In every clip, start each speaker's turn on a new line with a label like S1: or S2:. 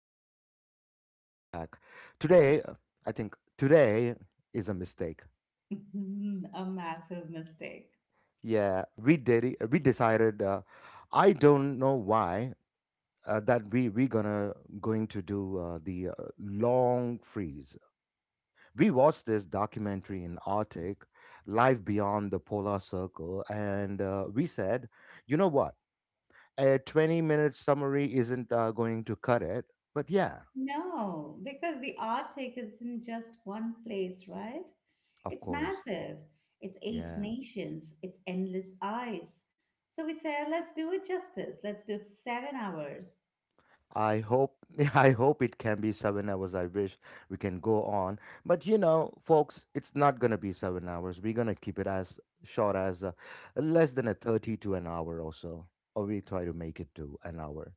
S1: and gentlemen, welcome back. Today, I think today is a mistake.
S2: A massive mistake.
S1: Yeah, we did. We decided. I don't know why that we gonna going to do the long freeze. We watched this documentary in Arctic, life beyond the polar circle, and we said, you know what? A 20-minute summary isn't going to cut it. But yeah.
S2: No, because the Arctic isn't just one place, right?
S1: Of
S2: It's
S1: course.
S2: massive. It's eight
S1: Yeah.
S2: nations. It's endless ice. So we say, let's do it justice. Let's do 7 hours.
S1: I hope I hope it can be 7 hours. I wish we can go on. But you know, folks, it's not going to be 7 hours. We're going to keep it as short as less than a 30 to an hour or so. Or we try to make it to an hour.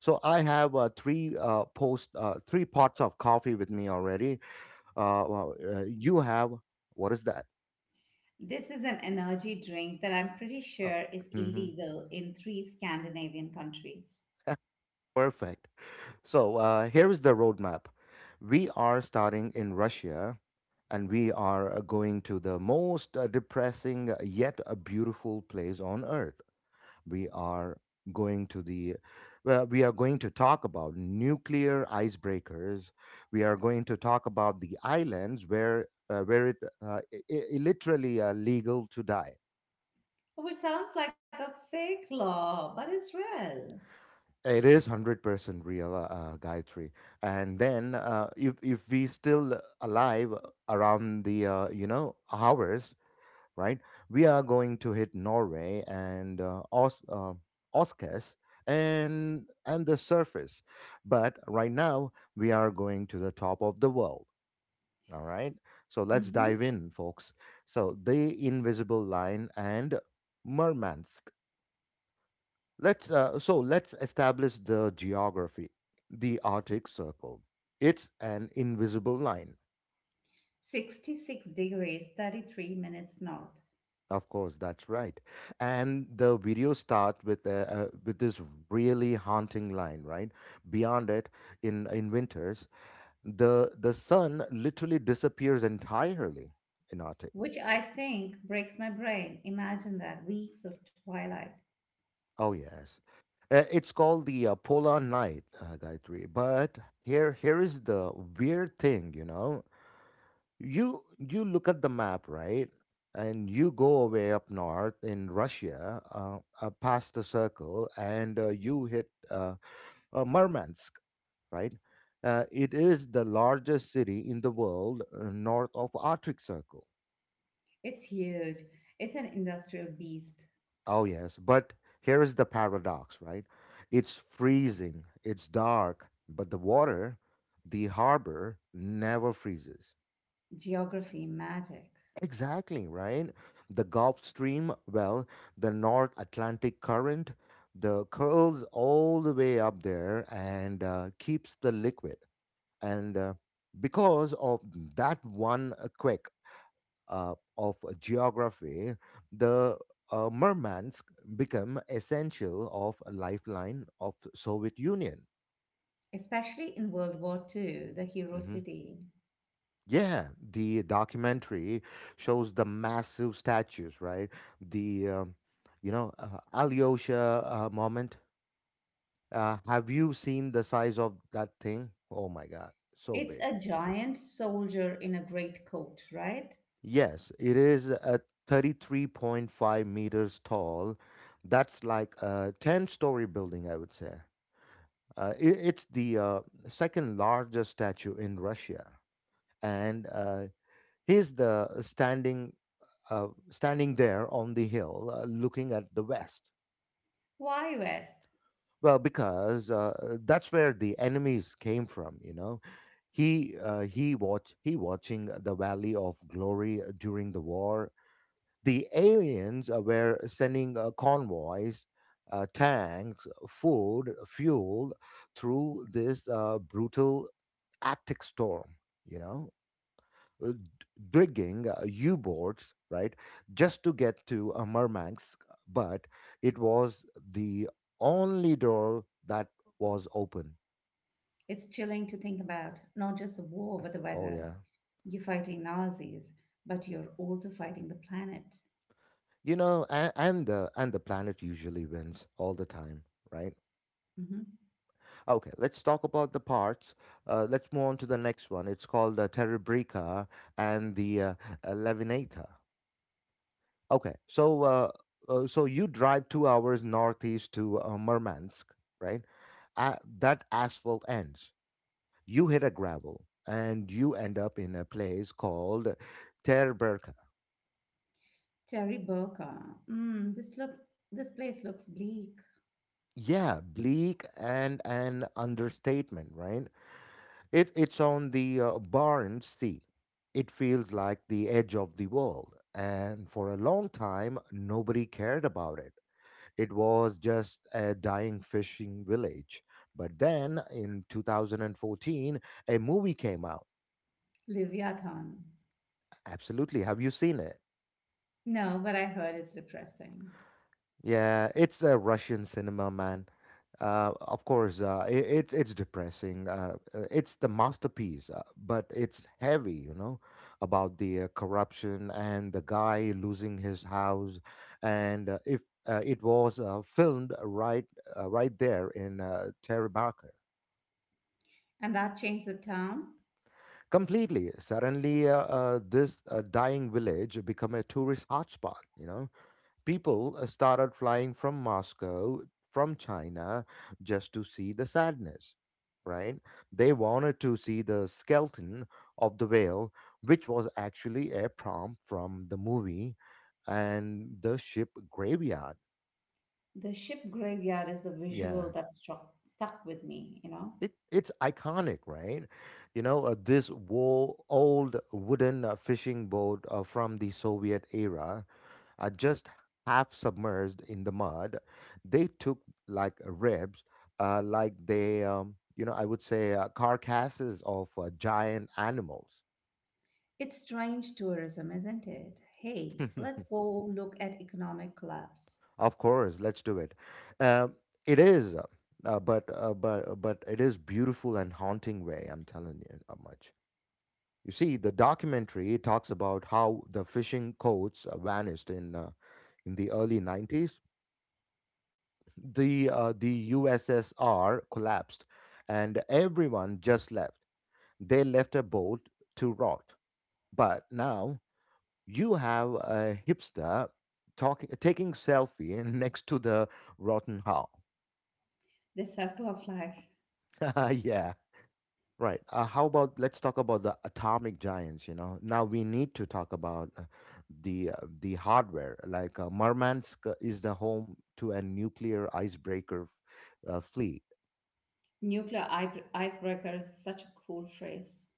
S1: So I have three pots of coffee with me already. Well, you have, what is that?
S2: This is an energy drink that I'm pretty
S1: Uh,
S2: sure is
S1: hmm.
S2: illegal in 3 Scandinavian countries,
S1: Perfect. So here is the roadmap. We are starting in Russia, and we are going to the most depressing yet a beautiful place on earth. We are going to the Well, we are going to talk about nuclear icebreakers. We are going to talk about the islands where it uh, I- I- literally legal to die.
S2: which sounds like a fake law, but it's real.
S1: It is 100% real, Gayatri. And then if we still alive around the you know hours, right? We are going to hit Norway and Oscars and the surface, but right now we are going to the top of the world. All right, so let's dive
S2: Mhm.
S1: in, folks. So the invisible line and Murmansk. Let's so let's establish the geography. The Arctic Circle. It's an invisible line.
S2: 66 degrees 33 minutes north,
S1: Of course, that's right. And the video starts with this really haunting line, right? Beyond it, in winters, the sun literally disappears entirely in Arctic.
S2: which I think breaks my brain. Imagine that weeks of twilight.
S1: Oh yes, it's called the polar night, Gayatri. But here is the weird thing, you know. You look at the map, right? And you go away up north in Russia, past the circle, and you hit. Murmansk, right? It is the largest city in the world north of Arctic Circle.
S2: It's huge. It's an industrial beast.
S1: Oh yes, but here is the paradox, right? It's freezing, it's dark, but the water, the harbor never freezes.
S2: Geography magic,
S1: Exactly, right? The Gulf Stream, well, the North Atlantic current, the curls all the way up there and keeps the liquid and because of that one quirk of geography, the murmansk became essential of a lifeline of soviet union.
S2: especially in World War Two, the hero
S1: Mhm.
S2: city.
S1: Yeah, the documentary shows the massive statues, right, the you know alyosha moment. Have you seen the size of that thing? Oh my god, so
S2: It's
S1: big.
S2: a giant soldier in a great coat, right?
S1: Yes, it is a 33.5 meters tall. That's like a 10-story building, I would say. It's the second largest statue in Russia, and he's the standing there on the hill, looking at the west.
S2: Why, West?
S1: Well, because that's where the enemies came from, you know. He watching the Valley of Glory during the war. The aliens were sending convoys, tanks, food, fuel through this brutal Arctic storm, you know, uh, d- digging U boats, right, just to get to Murmansk. But it was the only door that was open.
S2: It's chilling to think about, not just the war, but the
S1: Oh,
S2: weather.
S1: yeah.
S2: You're fighting Nazis, but you're also fighting the planet.
S1: You know, and the planet usually wins all the time, right?
S2: Mm-hmm.
S1: Okay, let's talk about the parts. Let's move on to the next one. It's called the Terebrica and the Levinata. Okay, so you drive 2 hours northeast to Murmansk, right? That asphalt ends. You hit a gravel, and you end up in a place called Terebrica.
S2: Terry Boca. Mm, this place looks bleak.
S1: Yeah, bleak and an understatement, right? It's on the Barents Sea. It feels like the edge of the world. And for a long time, nobody cared about it. It was just a dying fishing village. But then in 2014, a movie came out.
S2: Leviathan.
S1: Absolutely. Have you seen it?
S2: No, but I heard it's depressing.
S1: Yeah, it's a Russian cinema, man. Of course, it's depressing. It's the masterpiece, but it's heavy, you know, about the corruption and the guy losing his house. And if it was filmed right there in Teribaka.
S2: And that changed the town.
S1: Completely. Suddenly, this dying village become a tourist hotspot, you know. People started flying from Moscow, from China, just to see the sadness, right? They wanted to see the skeleton of the whale, which was actually a prompt from the movie, and the ship graveyard.
S2: The ship graveyard is a visual
S1: Yeah.
S2: that struck stuck with me, you know.
S1: It's iconic, right? You know, old wooden fishing boat from the Soviet era, just half submerged in the mud. They took like ribs, you know, I would say carcasses of giant animals.
S2: It's strange tourism, isn't it? Hey, let's go look at economic collapse.
S1: Of course, let's do it. Um, it is, but it is beautiful and haunting way. I'm telling you, not much. You see, the documentary talks about how the fishing codes vanished in the early 90s. The USSR collapsed, and everyone just left. They left a boat to rot. But now you have a hipster talking, taking selfie next to the rotten hull.
S2: The circle of life.
S1: Yeah. Right. How about let's talk about the atomic giants? You know, now we need to talk about the hardware. Like Murmansk is the home to a nuclear icebreaker fleet.
S2: Nuclear icebreaker is such a cool phrase.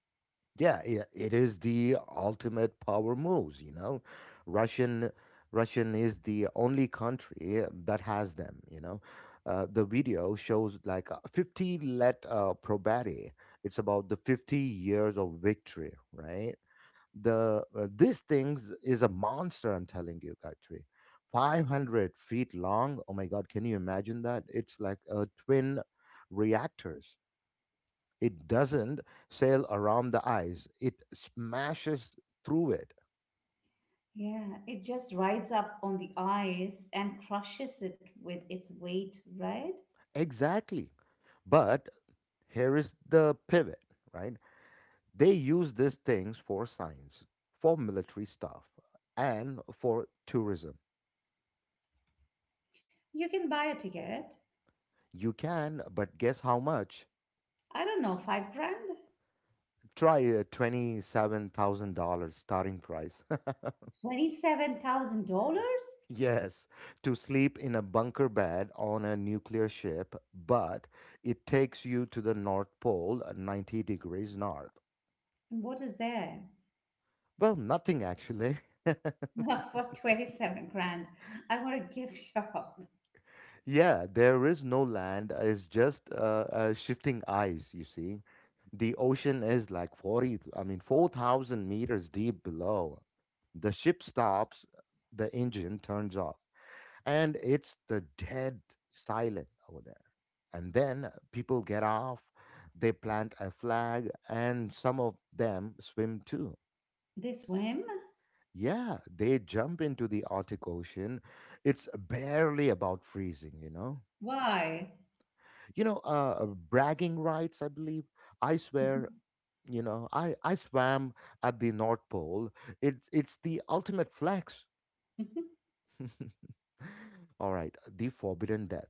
S1: Yeah, yeah, it is the ultimate power moves. You know, Russian Russian is the only country that has them. You know, the video shows like 50 let probati. It's about the 50 years of victory, right? the This thing is a monster, I'm telling you, Gayatri. 500 feet long, oh my god, can you imagine that? It's like a twin reactors. It doesn't sail around the ice, it smashes through it.
S2: Yeah, it just rides up on the ice and crushes it with its weight, right?
S1: Exactly. But here is the pivot, right? They use these things for science, for military stuff, and for tourism.
S2: You can buy a ticket.
S1: You can, but guess how much.
S2: I don't know, 5 grand?
S1: Try a $27,000 starting price.
S2: $27,000?
S1: Yes, to sleep in a bunker bed on a nuclear ship, but it takes you to the North Pole, 90 degrees north.
S2: And what is there?
S1: Well, nothing actually.
S2: For 27 grand, I want a gift shop.
S1: Yeah, there is no land, it's just shifting ice, you see. The ocean is like 40, I mean, 4,000 meters deep below. The ship stops, the engine turns off, and it's the dead silent over there. And then people get off, they plant a flag, and some of them swim too.
S2: They swim?
S1: Yeah, they jump into the Arctic Ocean. It's barely about freezing, you know.
S2: Why?
S1: You know, bragging rights, I believe. I swear, you know, I swam at the North Pole. It's the ultimate flex. All right, the forbidden death.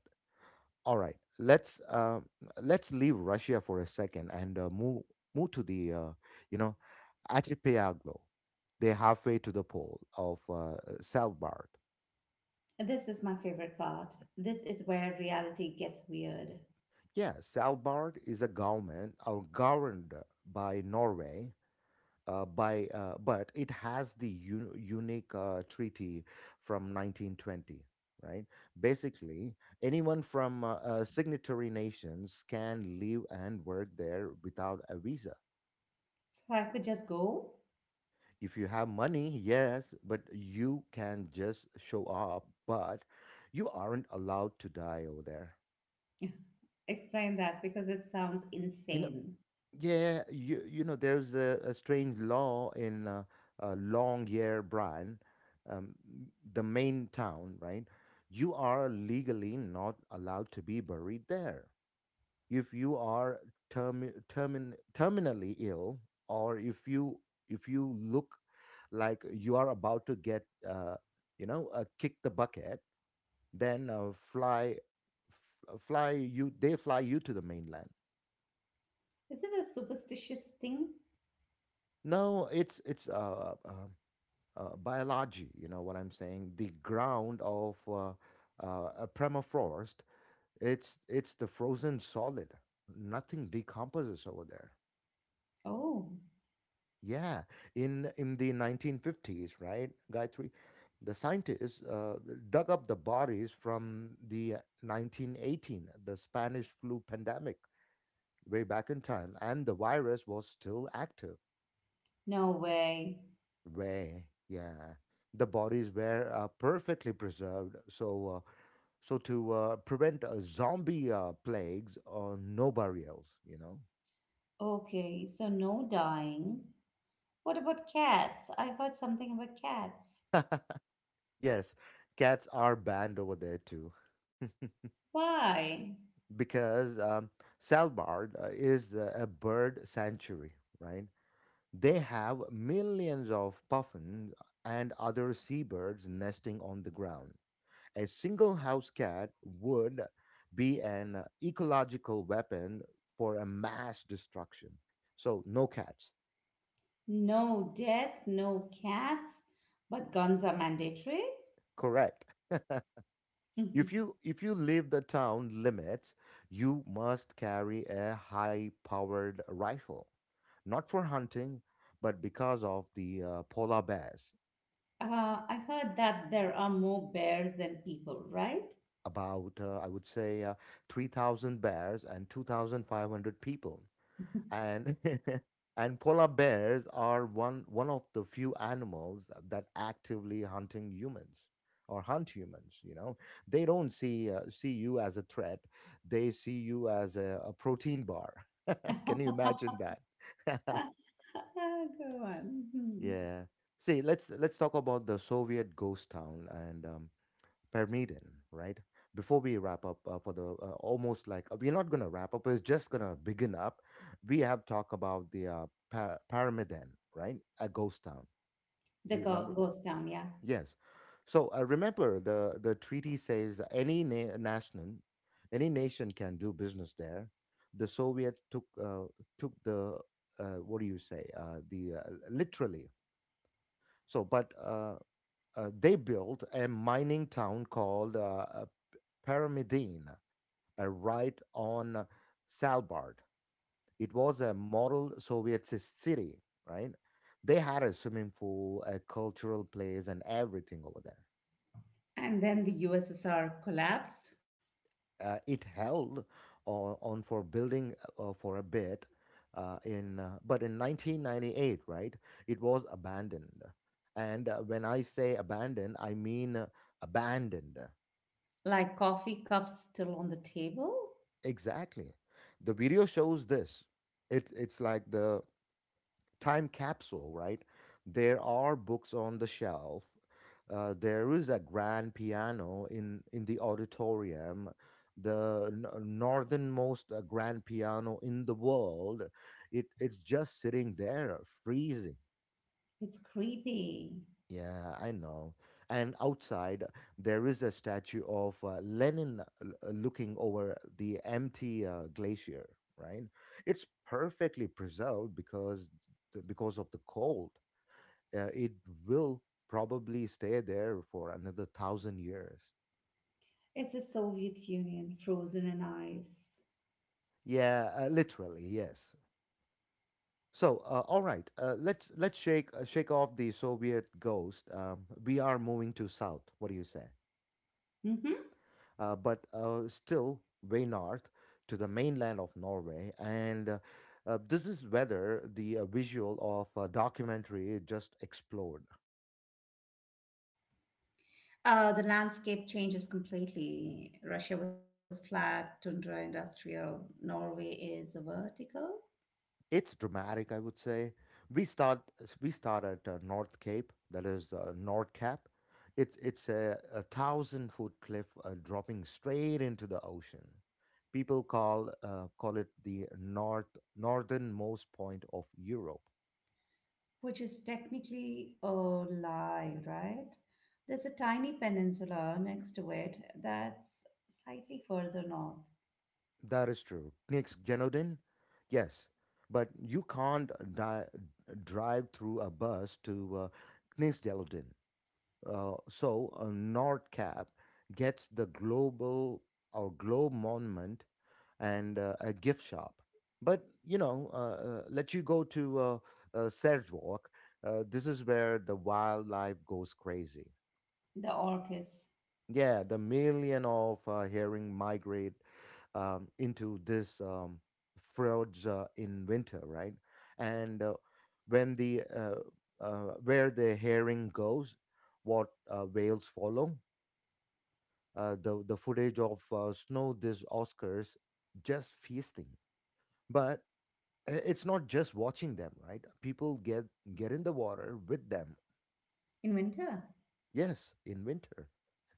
S1: All right, let's leave Russia for a second and move to the you know archipelago. They're halfway to the pole of Svalbard.
S2: This is my favorite part. This is where reality gets weird.
S1: Yeah, Svalbard is a government or governed by Norway, by but it has the unique treaty from 1920. Right. Basically, anyone from signatory nations can live and work there without a visa.
S2: So I could just go?
S1: If you have money, yes, but you can just show up, but you aren't allowed to die over there.
S2: Explain that because it sounds
S1: You know,
S2: insane.
S1: yeah, you know, there's a strange law in Longyear, um, the main town, right? You are legally not allowed to be buried there. If you are terminally ill, or if you look like you are about to get, you know, kick the bucket, then fly f- fly you they fly you to the mainland.
S2: Is it a superstitious thing?
S1: No, it's biology, you know what I'm saying? The ground of a permafrost, it's the frozen solid, nothing decomposes over there.
S2: Oh,
S1: Yeah, in the 1950s, right, Gayatri, the scientists dug up the bodies from the 1918, the Spanish flu pandemic, way back in time, and the virus was still active.
S2: no way.
S1: Way, yeah, the bodies were perfectly preserved, so so to prevent zombie plagues on no burials, you know.
S2: Okay, so no dying, what about cats? I heard something about cats.
S1: Yes, cats are banned over there too.
S2: Why?
S1: Because Svalbard is a bird sanctuary, right? They have millions of puffins and other seabirds nesting on the ground. A single house cat would be an ecological weapon for a mass destruction. So, no cats.
S2: No death, no cats, but guns are mandatory?
S1: Correct.
S2: Mhm.
S1: If you if you leave the town limits, you must carry a high-powered rifle, not for hunting, but because of the polar bears.
S2: I heard that there are more bears than people, right?
S1: About I would say 3,000 bears and two thousand five hundred people.
S2: Mhm.
S1: And and polar bears are one of the few animals that actively hunting humans or hunt humans. They don't see see you as a threat. They see you as a protein bar. Can you imagine that?
S2: Wow, good one. Hmm.
S1: Yeah, see, let's talk about the Soviet ghost town and Permaiden, right? Before we wrap up for the almost like we're not gonna wrap up, it's just gonna begin up. We have talked about the Paramiden, right? A ghost town.
S2: The
S1: Do you remember?
S2: ghost town, yeah.
S1: Yes. So remember, the treaty says national, any nation can do business there. The Soviet took took the what do you say? The literally. So, but they built a mining town called Pyramidine right on Svalbard. It was a model Soviet city, right? They had a swimming pool, a cultural place, and everything over there.
S2: And then the USSR collapsed,
S1: It held on for building for a bit, in but in 1998, right? It was abandoned, and when I say abandoned, I mean abandoned.
S2: like coffee cups still on the table.
S1: Exactly, the video shows this. It's like the time capsule, right? There are books on the shelf. There is a grand piano in the auditorium, the northernmost grand piano in the world. It's just sitting there, freezing.
S2: It's creepy.
S1: Yeah, I know. And outside, there is a statue of Lenin looking over the empty glacier, right? It's perfectly preserved because of the cold, it will probably stay there for another thousand years.
S2: It's the Soviet Union frozen in ice.
S1: Yeah, literally, yes. So, all right, let's shake off the Soviet ghost. We are moving to south. What do you say?
S2: Hmm.
S1: But still way north to the mainland of Norway, and this is whether the visual of a documentary just explored.
S2: The landscape changes completely. Russia was flat, tundra industrial. Norway is vertical.
S1: It's dramatic, I would say. We start we start at North Cape, that is North Cap. It's a thousand foot cliff dropping straight into the ocean. People call call it the northernmost point of Europe.
S2: Which is technically a lie, right? There's a tiny peninsula next to it that's slightly further north,
S1: That is true. Next, Genodin, yes, but you can't drive through a bus to Knees. So Nordcap gets the global or globe monument and a gift shop. But you know, let you go to Serge Walk. This is where the wildlife goes crazy.
S2: the Orcus.
S1: Yeah, the million of herring migrate into this fjords in winter, right? And when the where the herring goes, what whales follow the footage of snow this Oscars just feasting. But it's not just watching them, right? People get in the water with them.
S2: In winter?
S1: Yes, in winter,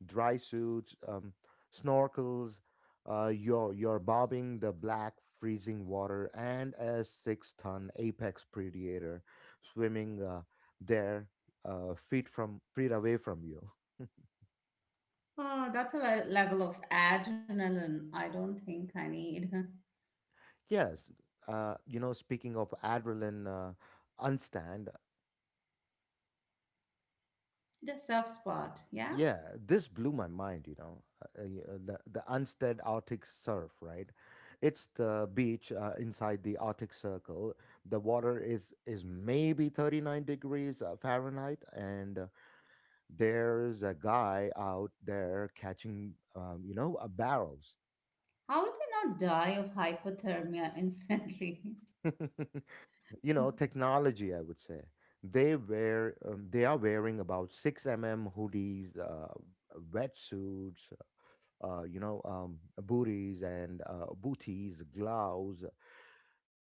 S1: dry suits, snorkels. You're bobbing the black freezing water and a six-ton apex predator swimming there feet away from you.
S2: Oh, that's a level of adrenaline I don't think I need.
S1: Yes, you know, speaking of adrenaline, unstand.
S2: The soft spot, yeah?
S1: Yeah, this blew my mind, you know. The Unstead Arctic Surf, right? It's the beach inside the Arctic Circle. The water is maybe 39 degrees Fahrenheit, and there's a guy out there catching barrels.
S2: How did they not die of hypothermia instantly?
S1: You know, technology, I would say. They are wearing about 6 mm hoodies, wetsuits, uh, booties, gloves.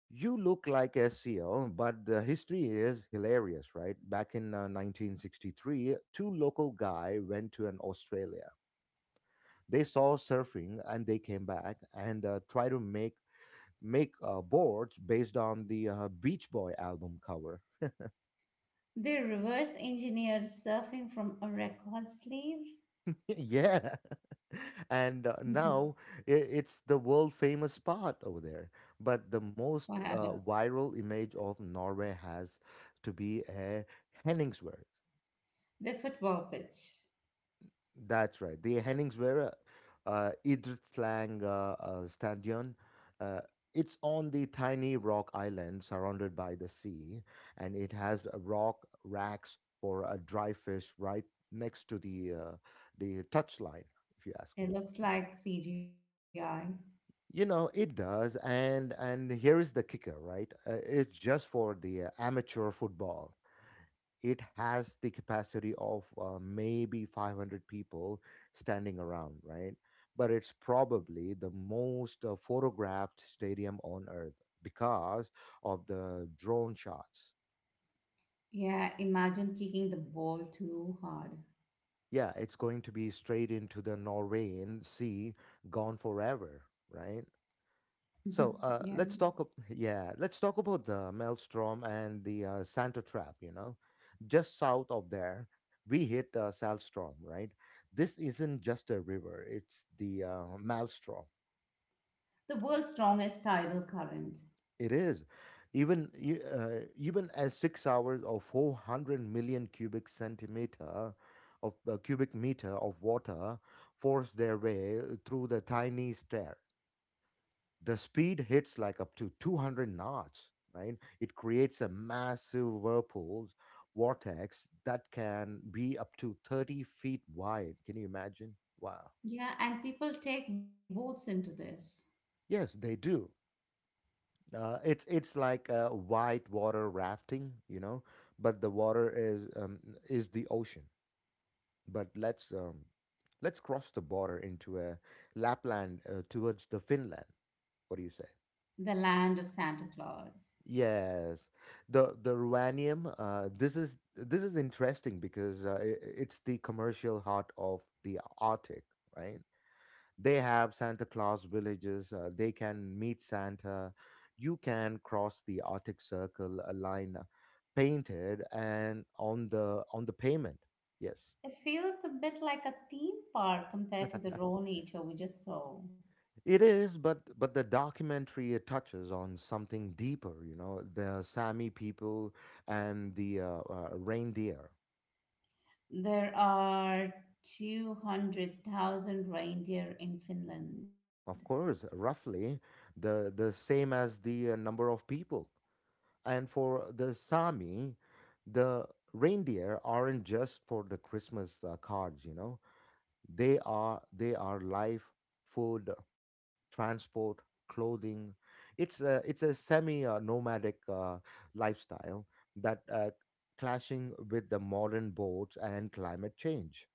S1: You look like SEL, but the history is hilarious, right? Back in 1963, two local guy went to an Australia. They saw surfing and they came back and try to make make boards based on the Beach Boy album cover.
S2: They reverse engineered surfing from a record sleeve?
S1: Yeah. And now it's the world famous spot over there, but the
S2: Wow.
S1: most viral image of Norway has to be a Henningsvær.
S2: The football pitch.
S1: That's right, the Henningsvær idrettslang stadion. uh, it's on the tiny rock island surrounded by the sea, and it has rock racks for a dry fish right next to the touchline, if you ask
S2: It
S1: me.
S2: looks like CGI.
S1: You know, it does. And here is the kicker, right? It's just for the amateur football. It has the capacity of maybe 500 people standing around, right? But it's probably the most photographed stadium on earth because of the drone shots.
S2: Yeah, imagine kicking the ball too hard.
S1: Yeah, it's going to be straight into the Norwegian Sea, gone forever, right? So
S2: Yeah.
S1: let's talk yeah, let's talk about the Maelstrom and the Santa Trap. You know, just south of there, we hit Salstrom. Right, this isn't just a river; it's the Maelstrom.
S2: The world's strongest tidal current.
S1: It is, even as 6 hours or 400 million cubic centimeter of cubic meter of water force their way through the tiny stair. The speed hits like up to 200 knots, right? It creates a massive whirlpool vortex that can be up to 30 feet wide. Can you imagine? Wow.
S2: Yeah, and people take boats into this.
S1: Yes, they do. It's like white water rafting, you know, but the water is the ocean. But let's cross the border into a Lapland towards the Finland. What do you say?
S2: The Land of Santa Claus.
S1: Yes, the ruanium. This is this is interesting because I it's the commercial heart of the Arctic, right? They have Santa Claus villages. They can meet Santa. You can cross the Arctic Circle, a line painted and on the payment. Yes.
S2: It feels a bit like a theme park compared to the raw nature we just saw.
S1: It is, but the documentary touches on something deeper, you know, the Sami people and the reindeer.
S2: There are 200,000 reindeer in Finland.
S1: Of course, roughly the same as the number of people. And for the Sami, the reindeer aren't just for the Christmas cards, you know. They are life, food, transport, clothing. It's a semi nomadic lifestyle that clashing with the modern boats and climate change.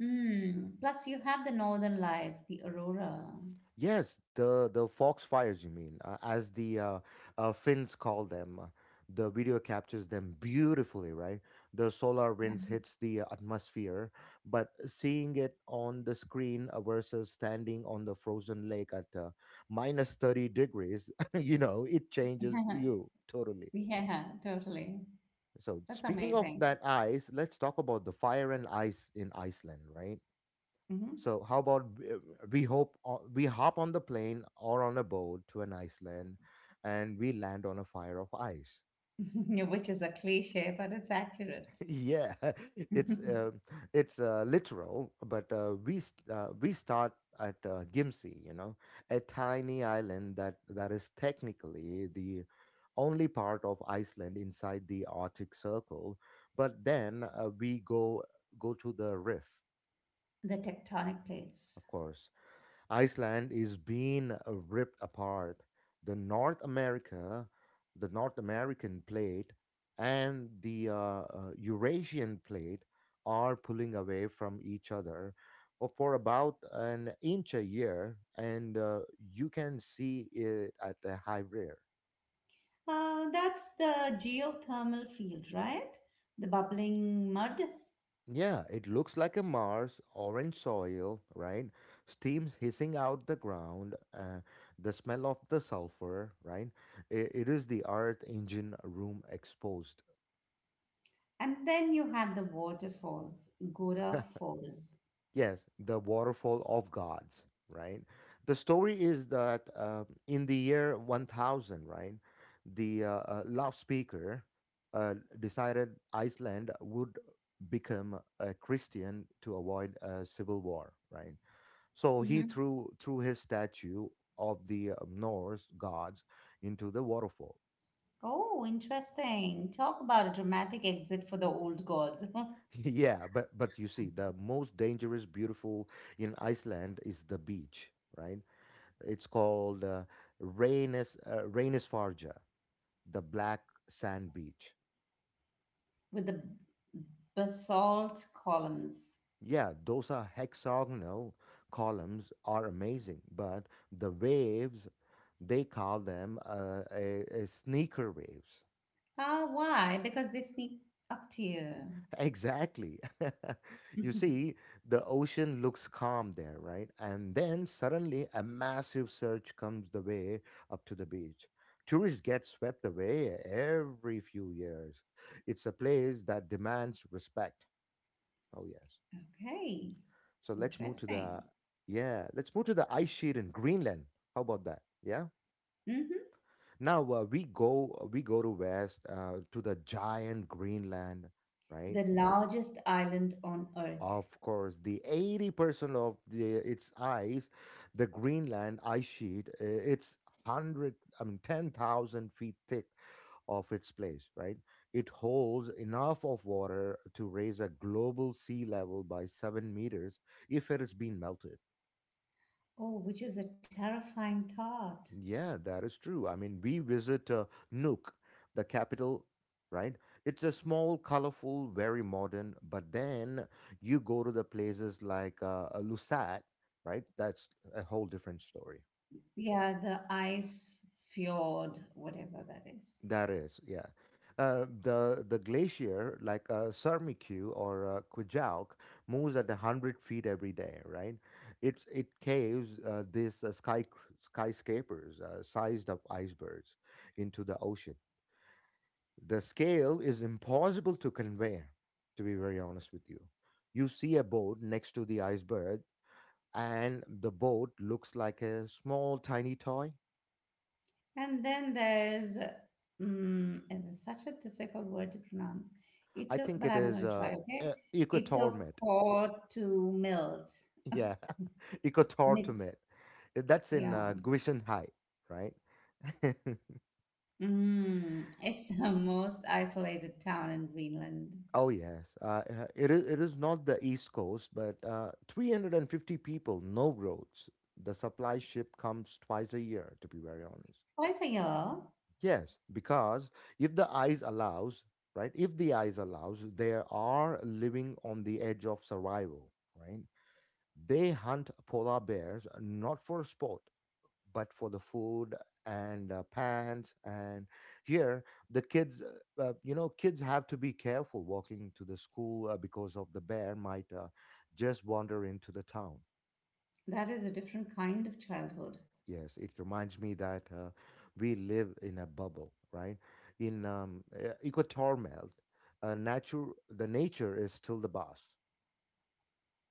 S2: Hmm. Plus, you have the northern lights, the aurora.
S1: Yes, the foxfires, you mean, as the Finns call them. The video captures them beautifully, right? The solar winds hits the atmosphere, but seeing it on the screen versus standing on the frozen lake at minus 30 degrees, you know, it changes
S2: Yeah,
S1: you totally.
S2: yeah, totally.
S1: So,
S2: That's
S1: speaking of
S2: amazing.
S1: that ice, let's talk about the fire and ice in Iceland, right?
S2: Mhm.
S1: So how about we hop on the plane or on a boat to an Iceland, and we land on a fire of ice.
S2: Which is a cliche, but it's accurate.
S1: Yeah, it's
S2: The
S1: uh, it's literal, but we start at Gimsi, you know, a tiny island that is technically the only part of Iceland inside the Arctic Circle. But then we go to the Rift.
S2: tectonic plates.
S1: Of course, Iceland is being ripped apart. The North America, the North American plate and the Eurasian plate are pulling away from each other for about an inch a year, and you can see it at the high rear.
S2: That's the geothermal field, right? The bubbling mud.
S1: Yeah, it looks like a Mars, orange soil, right? Steams hissing out the ground, the smell of the sulfur, right? It is the Earth engine room exposed.
S2: And then you have the waterfalls, Gora Falls.
S1: Yes, the waterfall of gods, right? The story is that in the year 1000, right, the loudspeaker decided Iceland would become a Christian to avoid a civil war, right? So he
S2: Hmm.
S1: threw his statue of the Norse gods into the waterfall.
S2: Oh, interesting. Talk about a dramatic exit for the old gods.
S1: Yeah, but you see, the most dangerous, beautiful in Iceland is the beach, right? It's called Reynisfarja, the black sand beach.
S2: With the basalt columns.
S1: Yeah, those are hexagonal columns are amazing, but the waves, they call them a sneaker waves.
S2: Ah, why? Because they sneak up to you.
S1: Exactly. You
S2: Mhm.
S1: see, the ocean looks calm there, right? And then suddenly a massive surge comes the way up to the beach. Tourists get swept away every few years. It's a place that demands respect. Oh, yes.
S2: Okay,
S1: So let's move to
S2: interesting.
S1: the, yeah, let's move to the ice sheet in Greenland. How about that? Yeah.
S2: Hmm.
S1: Now we go to west, to the giant Greenland, right?
S2: The largest island on Earth.
S1: Of course, the 80% of the its ice, the Greenland ice sheet, it's 100, I mean 10,000 feet thick of its place, right? It holds enough of water to raise a global sea level by 7 meters if it has been melted.
S2: Oh, which is a terrifying thought.
S1: Yeah, that is true. I mean, we visit Nuuk, the capital, right? It's a small, colorful, very modern, but then you go to the places like Lusat, right? That's a whole different story.
S2: Yeah, the ice fjord, whatever that is.
S1: That is, yeah. The glacier, like Sarmiku or Kujauk, moves at 100 feet every day, right? It caves these skyscrapers, sized up icebergs, into the ocean. The scale is impossible to convey, to be very honest with you. You see a boat next to the iceberg, and the boat looks like a small tiny toy.
S2: And then there's, mm, it was such a difficult word to pronounce. It
S1: I
S2: took,
S1: think
S2: but
S1: it
S2: I'm
S1: is
S2: going to try, okay? It took
S1: ecotormet.
S2: core to melt.
S1: Yeah.
S2: Milt,
S1: Ecotormet, that's in
S2: yeah.
S1: Guishenhai, right?
S2: Mm, it's the most isolated town in Greenland.
S1: Oh yes, it is not the east coast, but 350 people, no roads. The supply ship comes twice a year, to be very honest.
S2: Twice a year,
S1: Yes, because if the eyes allows, right? If the eyes allows, they are living on the edge of survival, right? They hunt polar bears not for sport, but for the food and pants. And here, the kids, you know, kids have to be careful walking to the school because of the bear might just wander into the town.
S2: that is a different kind of childhood.
S1: Yes, it reminds me that we live in a bubble, right? In Equator Melt, uh, nature, the nature is still the boss,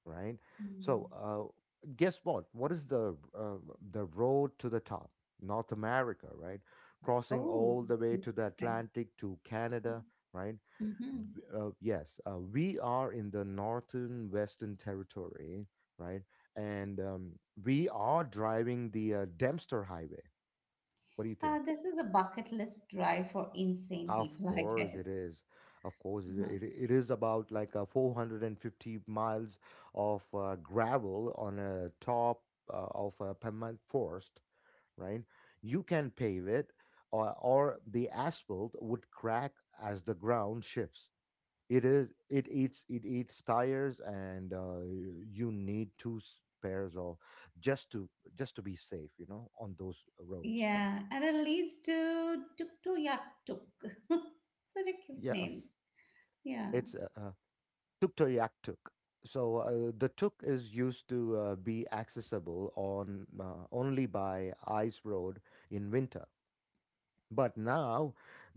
S1: right?
S2: Mm.
S1: So, guess what? What is the road to the top? North America, right? Crossing
S2: Oh,
S1: all the way to the
S2: interesting.
S1: Atlantic to Canada, right?
S2: Mm-hmm.
S1: Yes, we are in the northern Western Territory, right? And we are driving the Dempster Highway, what do you think?
S2: This is a bucket list drive for insane
S1: Of
S2: people, I
S1: course it
S2: guess.
S1: is. Of course
S2: Uh-huh.
S1: it is about like a 450 miles of gravel on a top of a permanent forest, right? You can pave it, or the asphalt would crack as the ground shifts. It eats tires, and you need pairs of, just to, just to be safe, you know, on those roads.
S2: Yeah, and it leads to Tuk Tu Yak Tuk. Such a cute
S1: Yeah,
S2: name. Yeah.
S1: it's Tuktoyaktuk. So the tuk is used to be accessible on only by ice road in winter. But now,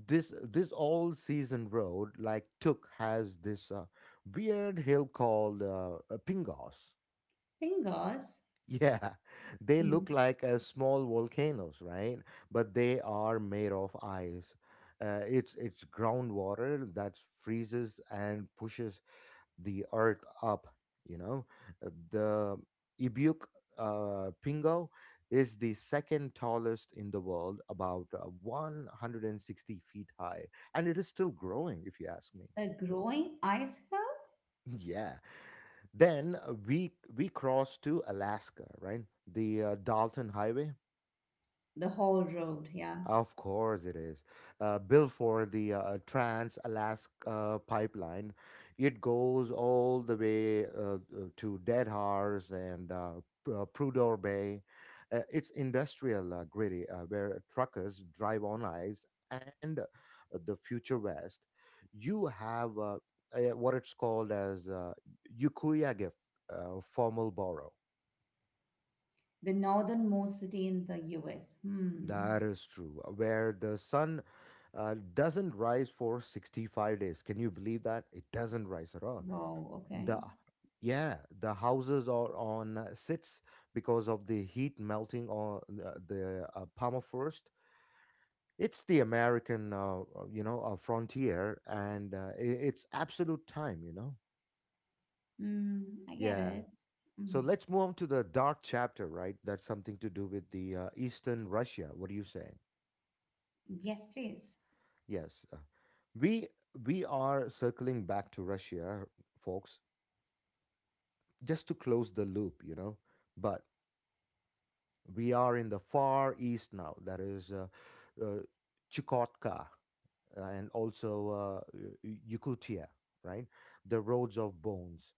S1: this all season road like tuk has this weird hill called Pingos.
S2: Fingers,
S1: Yeah, they look
S2: mhm.
S1: like small volcanoes, right? But they are made of ice. It's groundwater that freezes and pushes the art up, you know. The ibuk pingo is the second tallest in the world, about 160 feet high, and it is still growing, if you ask me.
S2: A growing ice hill,
S1: Yeah. Then we cross to Alaska, right? The Dalton Highway.
S2: the whole road, yeah.
S1: Of course it is. Built for the Trans-Alaska pipeline, it goes all the way to Dead Horse and Prudhoe Bay. It's industrial, gritty, where truckers drive on ice, and the future west. You have what it's called as Ukiah Gift, formal borrow.
S2: The northernmost city in the US. Hmm.
S1: That is true. Where the sun doesn't rise for 65 days. Can you believe that? It doesn't rise at all.
S2: Wow,
S1: The
S2: okay.
S1: yeah, the houses are on sits because of the heat melting on the permafrost. It's the American, frontier, and it's absolute time, you know.
S2: Hmm, I get
S1: Yeah.
S2: it. Hmm.
S1: So let's move on to the dark chapter, right? That's something to do with the Eastern Russia. What do you say?
S2: Yes, please.
S1: Yes. We we are circling back to Russia, folks, just to close the loop, you know. But we are in the far east now. That is uh, Chukotka, and also Yakutia, right? The roads of bones.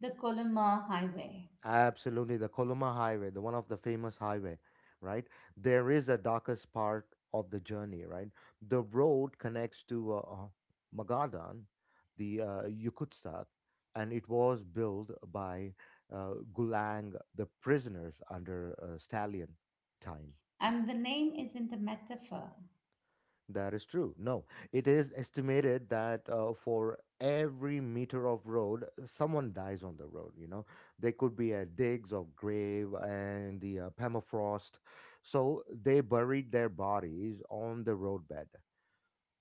S2: The Colima Highway.
S1: Absolutely, the Koloma Highway, the one of the famous highway, right? There is a darkest part of the journey, right? The road connects to Magadan, the Yakutsk, and it was built by Gulang, the prisoners under Stalin time.
S2: And the name isn't a metaphor.
S1: That is true. No, it is estimated that for every meter of road, someone dies on the road. You know, they could be at digs of grave and the permafrost. So they buried their bodies on the roadbed.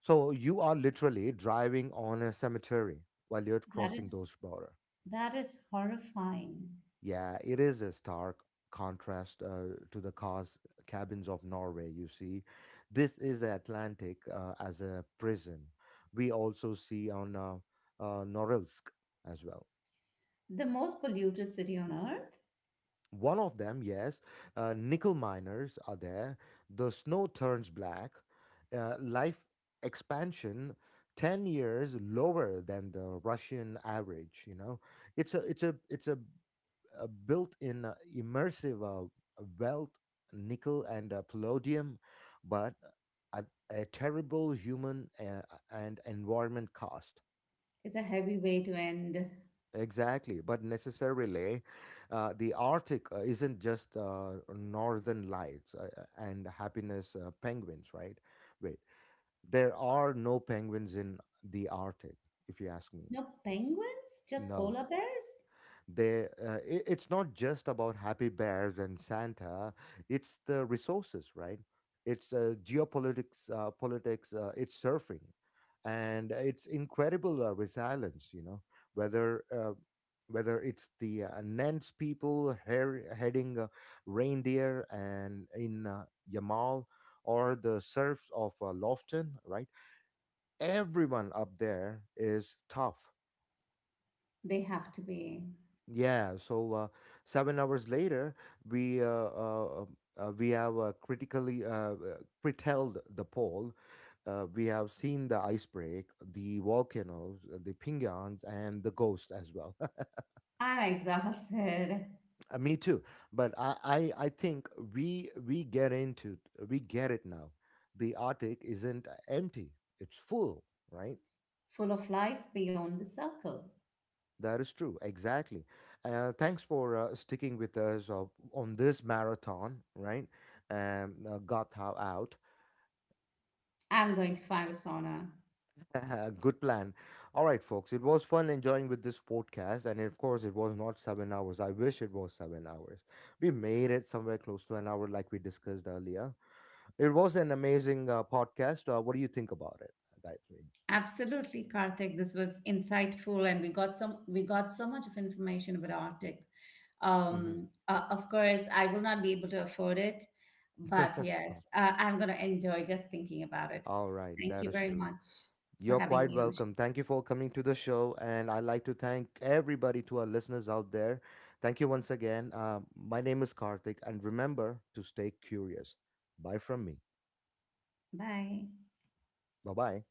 S1: So you are literally driving on a cemetery while you're
S2: That
S1: crossing
S2: is
S1: those border.
S2: That is horrifying.
S1: Yeah, it is a stark contrast to the cars cabins of Norway, you see. This is the Atlantic as a prison. We also see on Norilsk as well.
S2: The most polluted city on earth.
S1: One of them, yes, nickel miners are there. The snow turns black. Life expansion 10 years lower than the Russian average, you know. It's a built in immersive wealth, nickel, and palladium, but at a terrible human and environment cost.
S2: It's a heavy way to end.
S1: Exactly, but necessarily, the Arctic isn't just northern lights and happiness penguins, right? Wait, there are no penguins in the Arctic, if you ask me.
S2: No penguins, just
S1: No,
S2: polar bears?
S1: it's not just about happy bears and Santa. It's the resources, right? It's geopolitics, politics, it's surfing, and it's incredible resilience, you know. Whether uh, whether it's the Nance people heading reindeer and in Yamal, or the serfs of Lofton, right? Everyone up there is tough.
S2: They have to be.
S1: Yeah, so 7 hours later, we uh, uh, we have critically curtailed the pole. We have seen the ice break, the volcanoes, the pingans, and the ghost as well.
S2: I'm exhausted,
S1: Me too. But I think we we get into we get it now. The Arctic isn't empty; it's full, right?
S2: full of life beyond the circle.
S1: That is true. Exactly. Thanks for sticking with us on this marathon, right? Gatha out.
S2: I'm going to find a sauna.
S1: Good plan. All right, folks. It was fun enjoying with this podcast. And of course, it was not 7 hours. I wish it was 7 hours. We made it somewhere close to an hour, like we discussed earlier. It was an amazing podcast. What do you think about it, guys?
S2: Absolutely, Karthik. This was insightful, and we got so much of information about Arctic. Of course, I will not be able to afford it, but
S1: Mm-hmm.
S2: yes, I'm going to enjoy just thinking about it.
S1: All right.
S2: Thank
S1: That
S2: you
S1: is
S2: very
S1: true.
S2: much for
S1: You're
S2: having
S1: quite
S2: me on the show.
S1: welcome. Thank you for coming to the show. And I'd like to thank everybody to our listeners out there. Thank you once again. My name is Karthik. And remember to stay curious. Bye from me.
S2: Bye.
S1: Bye bye.